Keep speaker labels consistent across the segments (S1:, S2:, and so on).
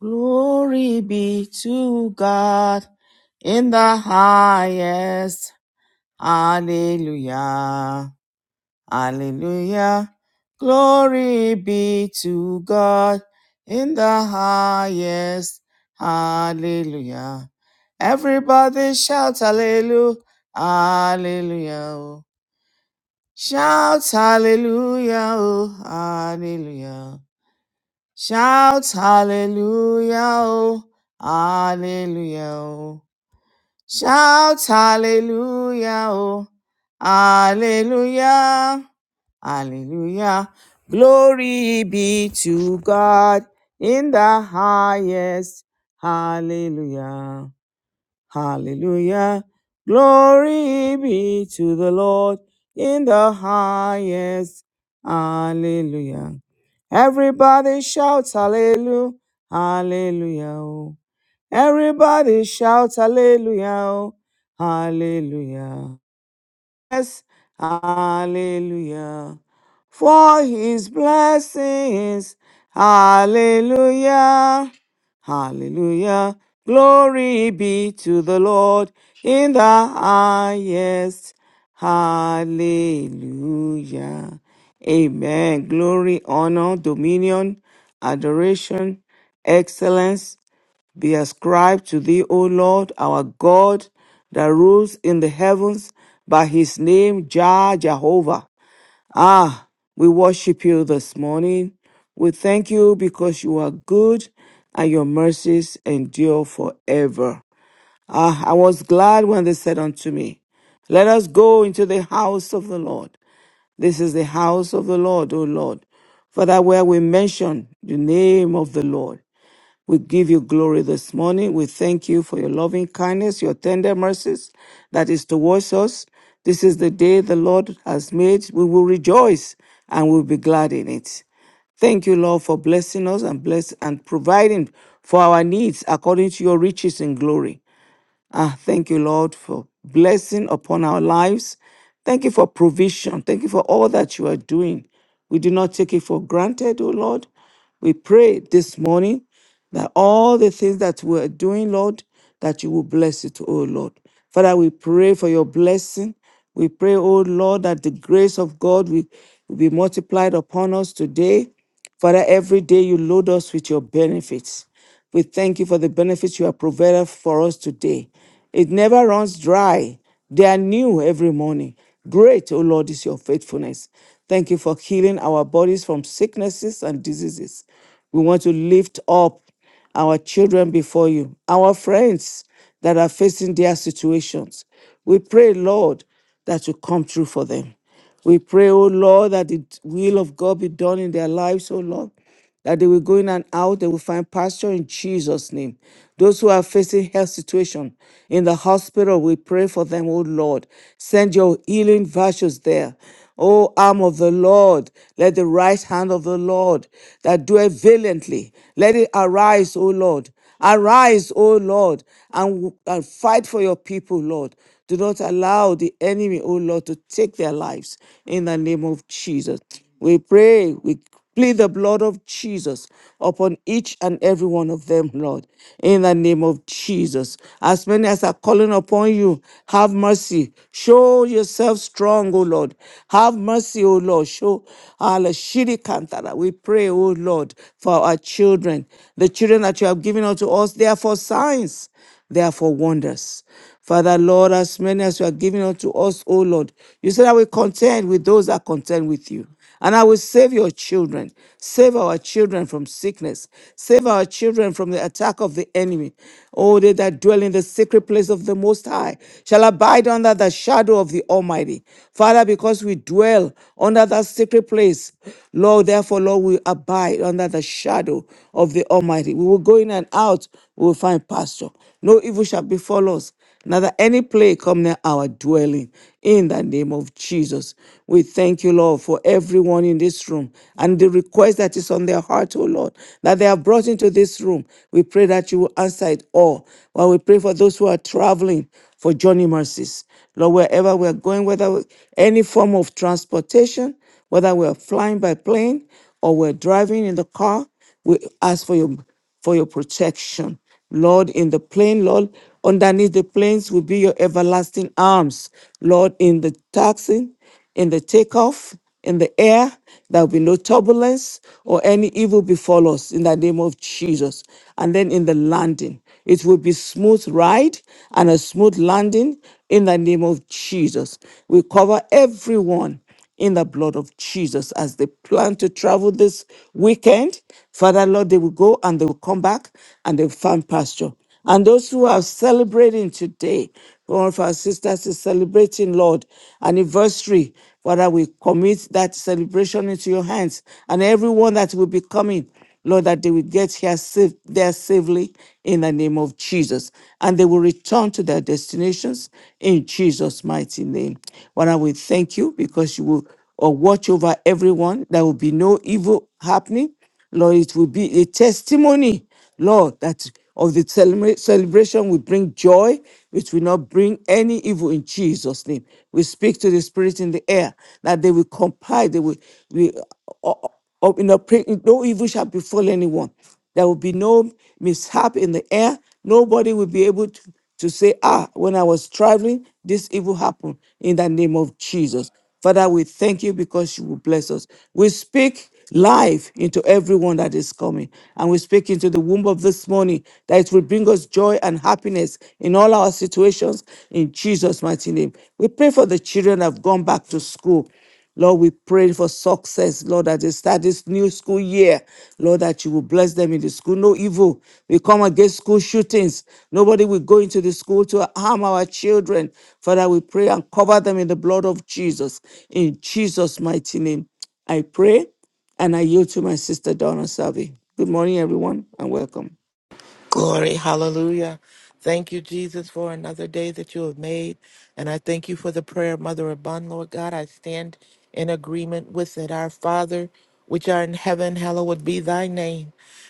S1: Glory be to God in the highest. Hallelujah. Hallelujah. Glory be to God in the highest. Hallelujah. Everybody shout hallelujah. Hallelujah. oh. Shout hallelujah. Oh, hallelujah. Shouts hallelujah, oh, hallelujah, oh. Shouts hallelujah, oh, hallelujah, hallelujah. Glory be to God in the highest. Hallelujah. Hallelujah. Glory be to the Lord in the highest. Hallelujah. Everybody shout hallelujah. Hallelujah. oh. Everybody shout hallelujah. oh. Hallelujah. Yes, hallelujah. For his blessings, hallelujah, hallelujah. Glory be to the Lord in the highest, hallelujah. Amen. Glory, honor, dominion, adoration, excellence, be ascribed to thee, O Lord, our God, that rules in the heavens by his name, Jah Jehovah. Ah, we worship you this morning. We thank you because you are good and your mercies endure forever. Ah, I was glad when they said unto me, Let us go into the house of the Lord. This is the house of the Lord, O Lord. for that where we mention the name of the Lord. We give you glory this morning. We thank you for your loving kindness, your tender mercies that is towards us. This is the day the Lord has made. We will rejoice and we'll be glad in it. Thank you, Lord, for blessing us and bless and providing for our needs according to your riches in glory. Ah, thank you, Lord, for blessing upon our lives. Thank you for provision. Thank you for all that you are doing. We do not take it for granted, oh Lord. We pray this morning that all the things that we are doing, Lord, that you will bless it, oh Lord. Father, we pray for your blessing. We pray, oh Lord, that the grace of God will, will be multiplied upon us today. Father, every day you load us with your benefits. We thank you for the benefits you have provided for us today. It never runs dry. They are new every morning. Great, O Lord, is your faithfulness. Thank you for healing our bodies from sicknesses and diseases. We want to lift up our children before you, our friends that are facing their situations. We pray, Lord, that you come through for them. We pray, O Lord, that the will of God be done in their lives, O Lord that they will go in and out, they will find pasture in Jesus' name. Those who are facing health situation in the hospital, we pray for them, oh Lord. Send your healing virtues there. O arm of the Lord, let the right hand of the Lord that doeth valiantly, let it arise, O Lord, Arise, O Lord, and, and fight for your people, Lord. Do not allow the enemy, O Lord, to take their lives in the name of Jesus. We pray, we plead the blood of Jesus upon each and every one of them, Lord, in the name of Jesus. As many as are calling upon you, have mercy. Show yourself strong, O Lord. Have mercy, O Lord. Show Allah Shiri Kantara. We pray, O Lord, for our children, the children children that you have given unto us, they are for signs, they are for wonders. Father, Lord, as many as you are giving unto us, O Lord, you said, I will contend with those that contend with you. And I will save your children. Save our children from sickness. Save our children from the attack of the enemy. Oh, they that dwell in the secret place of the Most High shall abide under the shadow of the Almighty. Father, because we dwell under that secret place, Lord, therefore, Lord, we abide under the shadow of of the Almighty. We will go in and out, we will find pasture. No evil shall befall us, neither any plague come near our dwelling. In the name of Jesus, we thank you, Lord, for everyone in this room and the request that is on their heart, oh Lord, that they have brought into this room. We pray that you will answer it all. While we pray for those who are traveling for journey mercies, Lord, wherever we are going, whether we- any form of transportation, whether we are flying by plane or we're driving in the car, we ask for your for your protection. Lord, in the plain, Lord, underneath the plains will be your everlasting arms. Lord, in the taxing, in the takeoff, in the air, there will be no turbulence or any evil befall us in the name of Jesus. And then in the landing, it will be smooth ride and a smooth landing in the name of Jesus. We cover everyone in the blood of Jesus as they plan to travel this weekend. Father, Lord, they will go and they will come back and they will find pasture. And those who are celebrating today, one of our sisters is celebrating, Lord, anniversary. Father, we commit that celebration into your hands and everyone that will be coming. Lord, that they will get here safe, there safely in the name of Jesus. And they will return to their destinations in Jesus' mighty name. Father, we thank you because you will uh, watch over everyone. There will be no evil happening. Lord, it will be a testimony Lord, that of the celebra- celebration will bring joy, which will not bring any evil in Jesus' name. We speak to the spirit in the air that they will comply, they will, we, uh, uh, uh, in a pre- no evil shall befall anyone. There will be no mishap in the air. Nobody will be able to to say, ah, when I was traveling, this evil happened in the name of Jesus. Father, we thank you because you will bless us. We speak life into everyone that is coming. And we speak into the womb of this morning that it will bring us joy and happiness in all our situations in Jesus' mighty name. We pray for the children that have gone back to school. Lord, we pray for success, Lord, as they start this new school year. Lord, that you will bless them in the school. No evil. We come against school shootings. Nobody will go into the school to harm our children. Father, we pray and cover them in the blood of Jesus. In Jesus' mighty name, I pray and I yield to my sister, Donna Salvi. Good morning, everyone, and welcome.
S2: Glory, hallelujah. Thank you, Jesus, for another day that you have made. And I thank you for the prayer, of Mother Abun, Lord God. I stand in agreement with it. Our Father, which art in heaven, hallowed be thy name.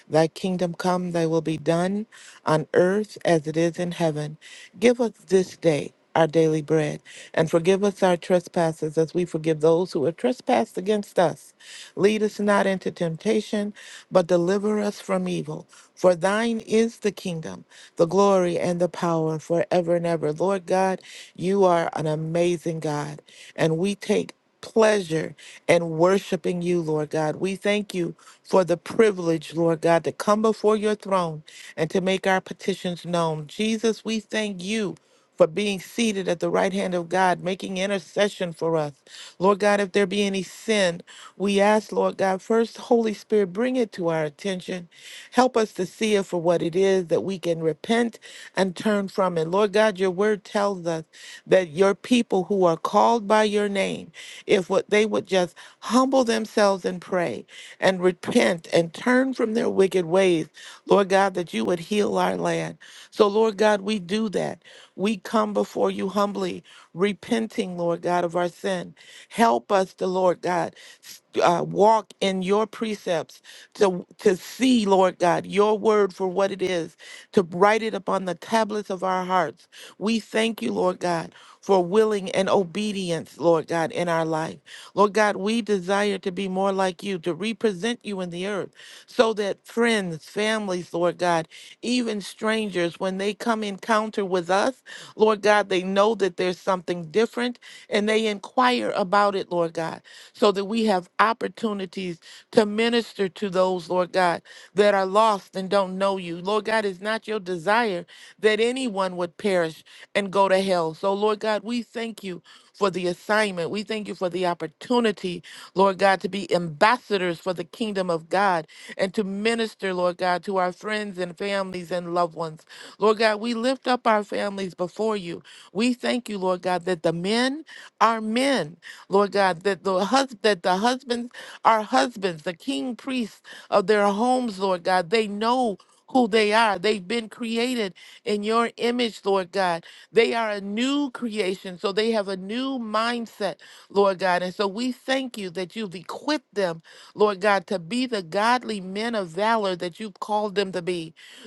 S2: Thy kingdom come, thy will be done on earth as it is in heaven. Give us this day our daily bread, and forgive us our trespasses as we forgive those who have trespassed against us. Lead us not into temptation, but deliver us from evil. For thine is the kingdom, the glory, and the power forever and ever. Lord God, you are an amazing God, and we take pleasure in worshiping you, Lord God. We thank you for the privilege, Lord God, to come before your throne and to make our petitions known. Jesus, we thank you for being seated at the right hand of God, making intercession for us. Lord God, if there be any sin, we ask, Lord God, first, Holy Spirit, bring it to our attention. Help us to see it for what it is that we can repent and turn from it. Lord God, your word tells us that your people who are called by your name, if what they would just humble themselves and pray and repent and turn from their wicked ways, Lord God, that you would heal our land. So, Lord God, we do that. We come before you humbly, repenting, Lord God, of our sin. Help us, the Lord God, s- uh, walk in your precepts to, to see, Lord God, your word for what it is, to write it upon the tablets of our hearts. We thank you, Lord God, for willing and obedience, Lord God, in our life. Lord God, we desire to be more like you, to represent you in the earth, so that friends, families, Lord God, even strangers, when they come encounter with us, Lord God, they know that there's something different and they inquire about it, Lord God, so that we have opportunities to minister to those, Lord God, that are lost and don't know you. Lord God, it's not your desire that anyone would perish and go to hell. So, Lord God, we thank you for the assignment. We thank you for the opportunity, Lord God, to be ambassadors for the kingdom of God and to minister, Lord God, to our friends and families and loved ones. Lord God, we lift up our families before you. We thank you, Lord God, that the men are men. Lord God, that the hus- that the husbands are husbands, the king priests of their homes, Lord God. They know who they are. They've been created in your image, Lord God. They are a new creation, so they have a new mindset, Lord God. And so we thank you that you've equipped them, Lord God, to be the godly men of valor that you've called them to be.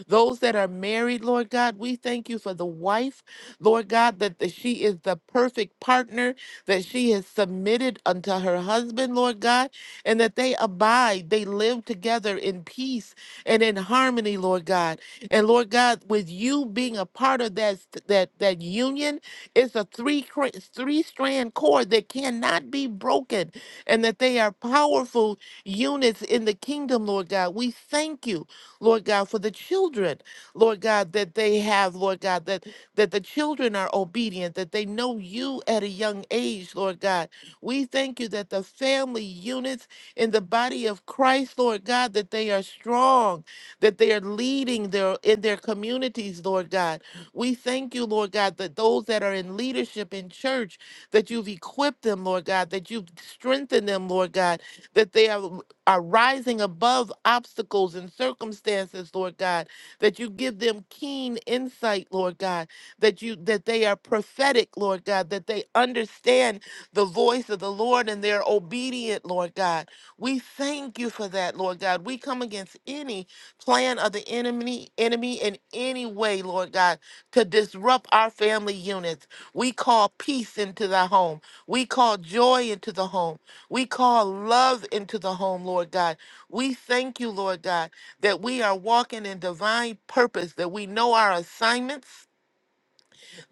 S2: Those that are married, Lord God, we thank you for the wife, Lord God, that the, she is the perfect partner, that she is submitted unto her husband, Lord God, and that they abide, they live together in peace and in harmony, Lord God. And Lord God, with you being a part of that that that union, it's a three cra- three strand cord that cannot be broken, and that they are powerful units in the kingdom, Lord God. We thank you Lord God, for the children, Lord God, that they have, Lord God, that, that the children are obedient, that they know you at a young age, Lord God. We thank you that the family units in the body of Christ, Lord God, that they are strong, that they are leading their in their communities, Lord God. We thank you, Lord God, that those that are in leadership in church, that you've equipped them, Lord God, that you've strengthened them, Lord God, that they are are rising above obstacles and circumstances, Lord God, that you give them keen insight, Lord God, that you that they are prophetic, Lord God, that they understand the voice of the Lord and they're obedient, Lord God. We thank you for that, Lord God. We come against any plan of the enemy, enemy in any way, Lord God, to disrupt our family units. We call peace into the home. We call joy into the home. We call love into the home, Lord God. We thank you, Lord God, that we are walking in divine purpose, that we know our assignments,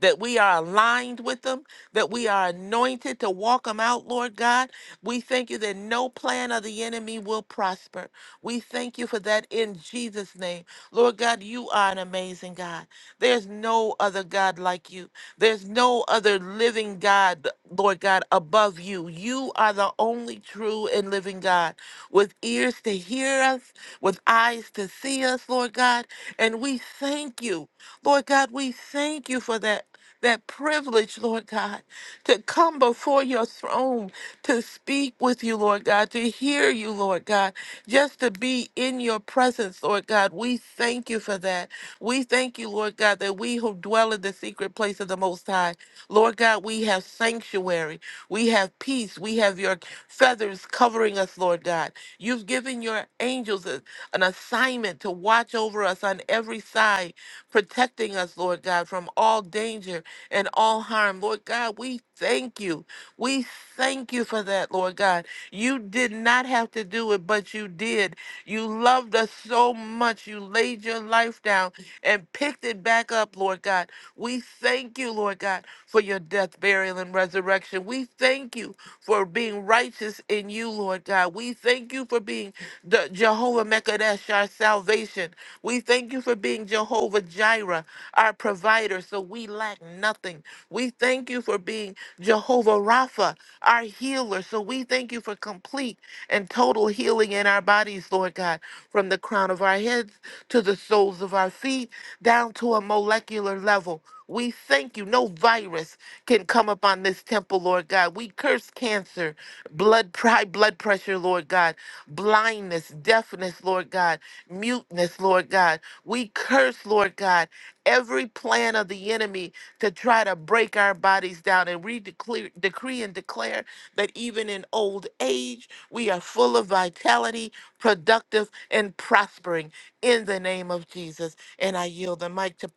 S2: that we are aligned with them, that we are anointed to walk them out, Lord God. We thank you that no plan of the enemy will prosper. We thank you for that in Jesus' name. Lord God, you are an amazing God. There's no other God like you. There's no other living God, Lord God, above you. You are the only true and living God with ears to hear us, with eyes to see us, Lord God. And we thank you. Lord God, we thank you for that that privilege, Lord God, to come before your throne, to speak with you, Lord God, to hear you, Lord God, just to be in your presence, Lord God. We thank you for that. We thank you, Lord God, that we who dwell in the secret place of the Most High, Lord God, we have sanctuary, we have peace, we have your feathers covering us, Lord God. You've given your angels a- an assignment to watch over us on every side protecting us, Lord God, from all danger and all harm. Lord God, we thank you. We thank you for that, Lord God. You did not have to do it, but you did. You loved us so much. You laid your life down and picked it back up, Lord God. We thank you, Lord God, for your death, burial, and resurrection. We thank you for being righteous in you, Lord God. We thank you for being the Jehovah Mekadesh, our salvation. We thank you for being Jehovah Jireh, our provider, so we lack nothing. We thank you for being Jehovah Rapha, our healer, so we thank you for complete and total healing in our bodies, Lord God, from the crown of our heads to the soles of our feet, down to a molecular level. We thank you. No virus, can come upon this temple, Lord God. We curse cancer, blood, high blood pressure, Lord God, blindness, deafness, Lord God, muteness, Lord God. We curse, Lord God, every plan of the enemy to try to break our bodies down. And we declare, decree and declare that even in old age, we are full of vitality, productive, and prospering in the name of Jesus. And I yield the mic to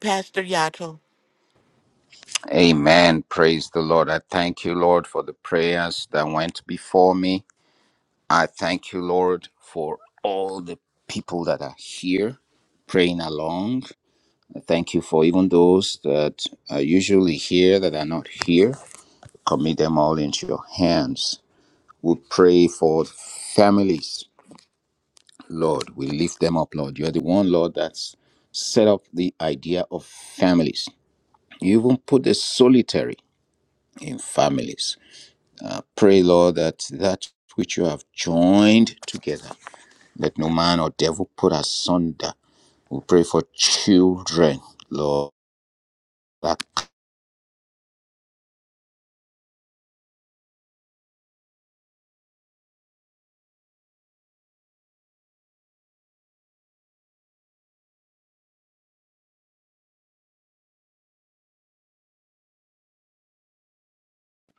S2: Pastor Yato.
S3: Amen. Praise the Lord. I thank you, Lord, for the prayers that went before me. I thank you, Lord, for all the people that are here praying along. I thank you for even those that are usually here that are not here. Commit them all into your hands. We pray for families, Lord. We lift them up, Lord. You're the one, Lord, that's set up the idea of families. You even put the solitary in families. Uh, pray, Lord, that that which you have joined together, let no man or devil put asunder. We pray for children, Lord, black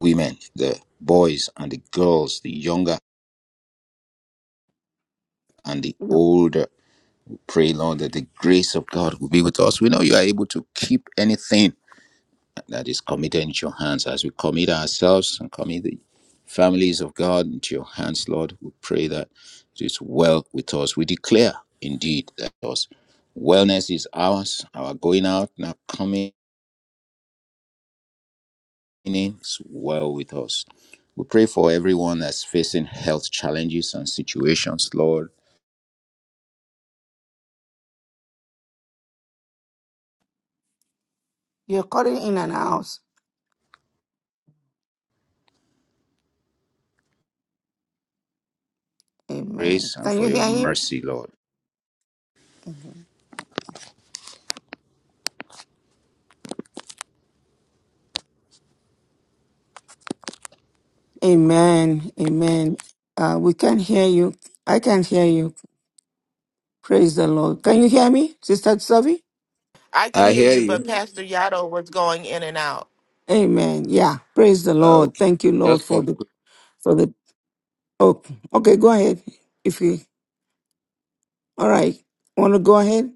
S3: women, the boys and the girls, the younger and the older. We pray, Lord, that the grace of God will be with us. We know you are able to keep anything that is committed into your hands. As we commit ourselves and commit the families of God into your hands, Lord, we pray that it is well with us. We declare indeed that us wellness is ours, our going out and our coming in is well with us. We pray for everyone that's facing health challenges and situations, Lord.
S1: You're calling in and out. Amen.
S3: Grace and
S1: Can you
S3: for your
S1: hear him?
S3: mercy, Lord.
S1: Amen. Amen. Uh, we can hear you. I can hear you. Praise the Lord. Can you hear me, Sister Savi?
S2: I can
S3: I
S2: hear
S3: hear
S2: you, but
S3: you.
S2: Pastor Yado was going in and out.
S1: Amen. Yeah. Praise the
S3: Uh,
S1: Lord.
S3: okay.
S1: Thank you, Lord,
S3: Just
S1: for
S3: some
S1: the
S3: quick,
S1: for the. Oh, okay. Go ahead. If you all right, want to go ahead.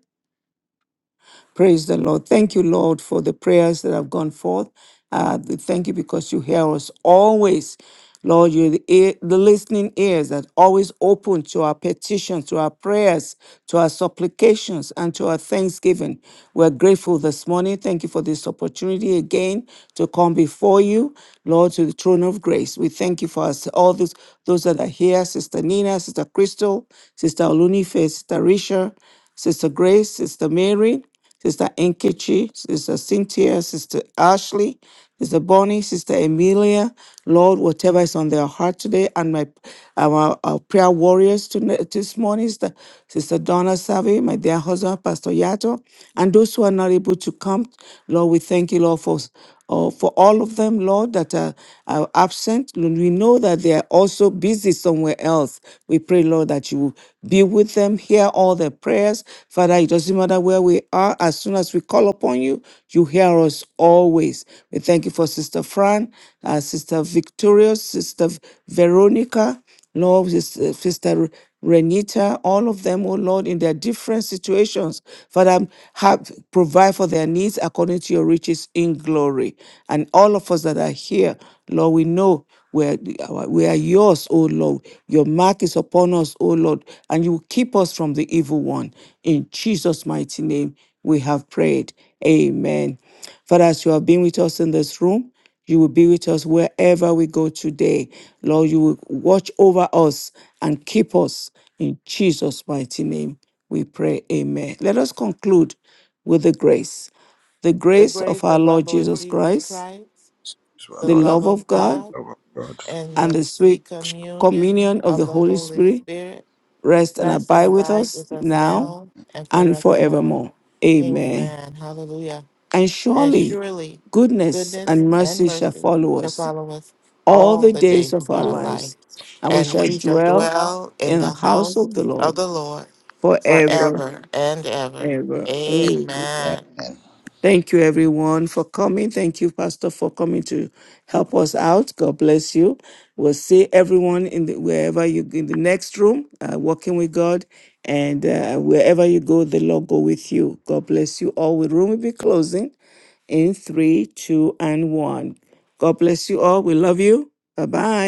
S1: Praise the Lord. Thank you, Lord, for the prayers that have gone forth. Uh, th- thank you because you hear us always. Lord, you're the, ear, the listening ears that always open to our petitions, to our prayers, to our supplications, and to our thanksgiving. We're grateful this morning. Thank you for this opportunity again to come before you, Lord, to the throne of grace. We thank you for us, all those, those that are here Sister Nina, Sister Crystal, Sister Olunife, Sister Risha, Sister Grace, Sister Mary. Sister Enkechi, Sister Cynthia, Sister Ashley, Sister Bonnie, Sister Emilia, Lord, whatever is on their heart today, and my our, our prayer warriors tonight, this morning, Sister, Sister Donna Savi, my dear husband, Pastor Yato, and those who are not able to come, Lord, we thank you, Lord, for uh, for all of them, Lord, that are, are absent. Lord, we know that they are also so busy somewhere else. We pray, Lord, that you will be with them, hear all their prayers. Father, it doesn't matter where we are, as soon as we call upon you, you hear us always. We thank you for Sister Fran, uh, Sister Victorious, Sister Veronica. Lord, Sis- uh, Sister Renita, all of them, oh Lord, in their different situations, Father, have provide for their needs according to your riches in glory. And all of us that are here, Lord, we know we are, we are yours, O Lord. Your mark is upon us, O Lord, and you keep us from the evil one. In Jesus' mighty name, we have prayed. Amen. Father, as you have been with us in this room, you will be with us wherever we go today. Lord, you will watch over us and keep us. In Jesus' mighty name, we pray. Amen. Let us conclude with the grace. The
S2: The
S1: grace of
S2: grace
S1: our
S2: of our
S1: Lord
S2: Lord
S1: Jesus
S2: Jesus
S1: Christ,
S2: Christ, the
S1: the
S3: Lord.
S2: love
S1: love of
S2: of
S1: God,
S2: God,
S3: Oh, God.
S2: and
S1: and
S2: the
S1: the sweet
S2: sweet communion
S1: communion of
S2: of
S1: the
S2: the
S1: Holy
S2: Holy
S1: Spirit
S2: Spirit
S1: rest and
S2: rest and
S1: abide with
S2: abide
S1: us
S2: with us
S1: now
S2: now and
S1: and
S2: forevermore.
S1: forevermore. Amen.
S2: Amen. Hallelujah.
S1: And
S2: And
S1: surely
S2: surely
S1: goodness
S2: goodness
S1: and
S2: and
S1: mercy shall
S2: mercy
S1: follow
S2: shall
S1: us
S2: follow us
S1: all
S2: all
S1: the
S2: the
S1: days
S2: days
S1: of
S2: of
S1: our
S2: our life,
S1: lives, and we
S2: and
S1: shall
S2: we shall
S1: dwell
S2: dwell in
S1: in the
S2: the
S1: house
S2: house
S1: of the Lord
S2: of the Lord
S1: forever,
S2: forever and ever.
S1: ever. Amen.
S2: Amen.
S3: Amen.
S1: Thank you, everyone, for coming. Thank you, Pastor, for coming to help us out. God bless you. We'll see everyone in the, wherever you in the next room, uh, walking with God, and uh, wherever you go, the Lord go with you. God bless you all. The room will be closing in three, two, and one. God bless you all. We love you. Bye bye.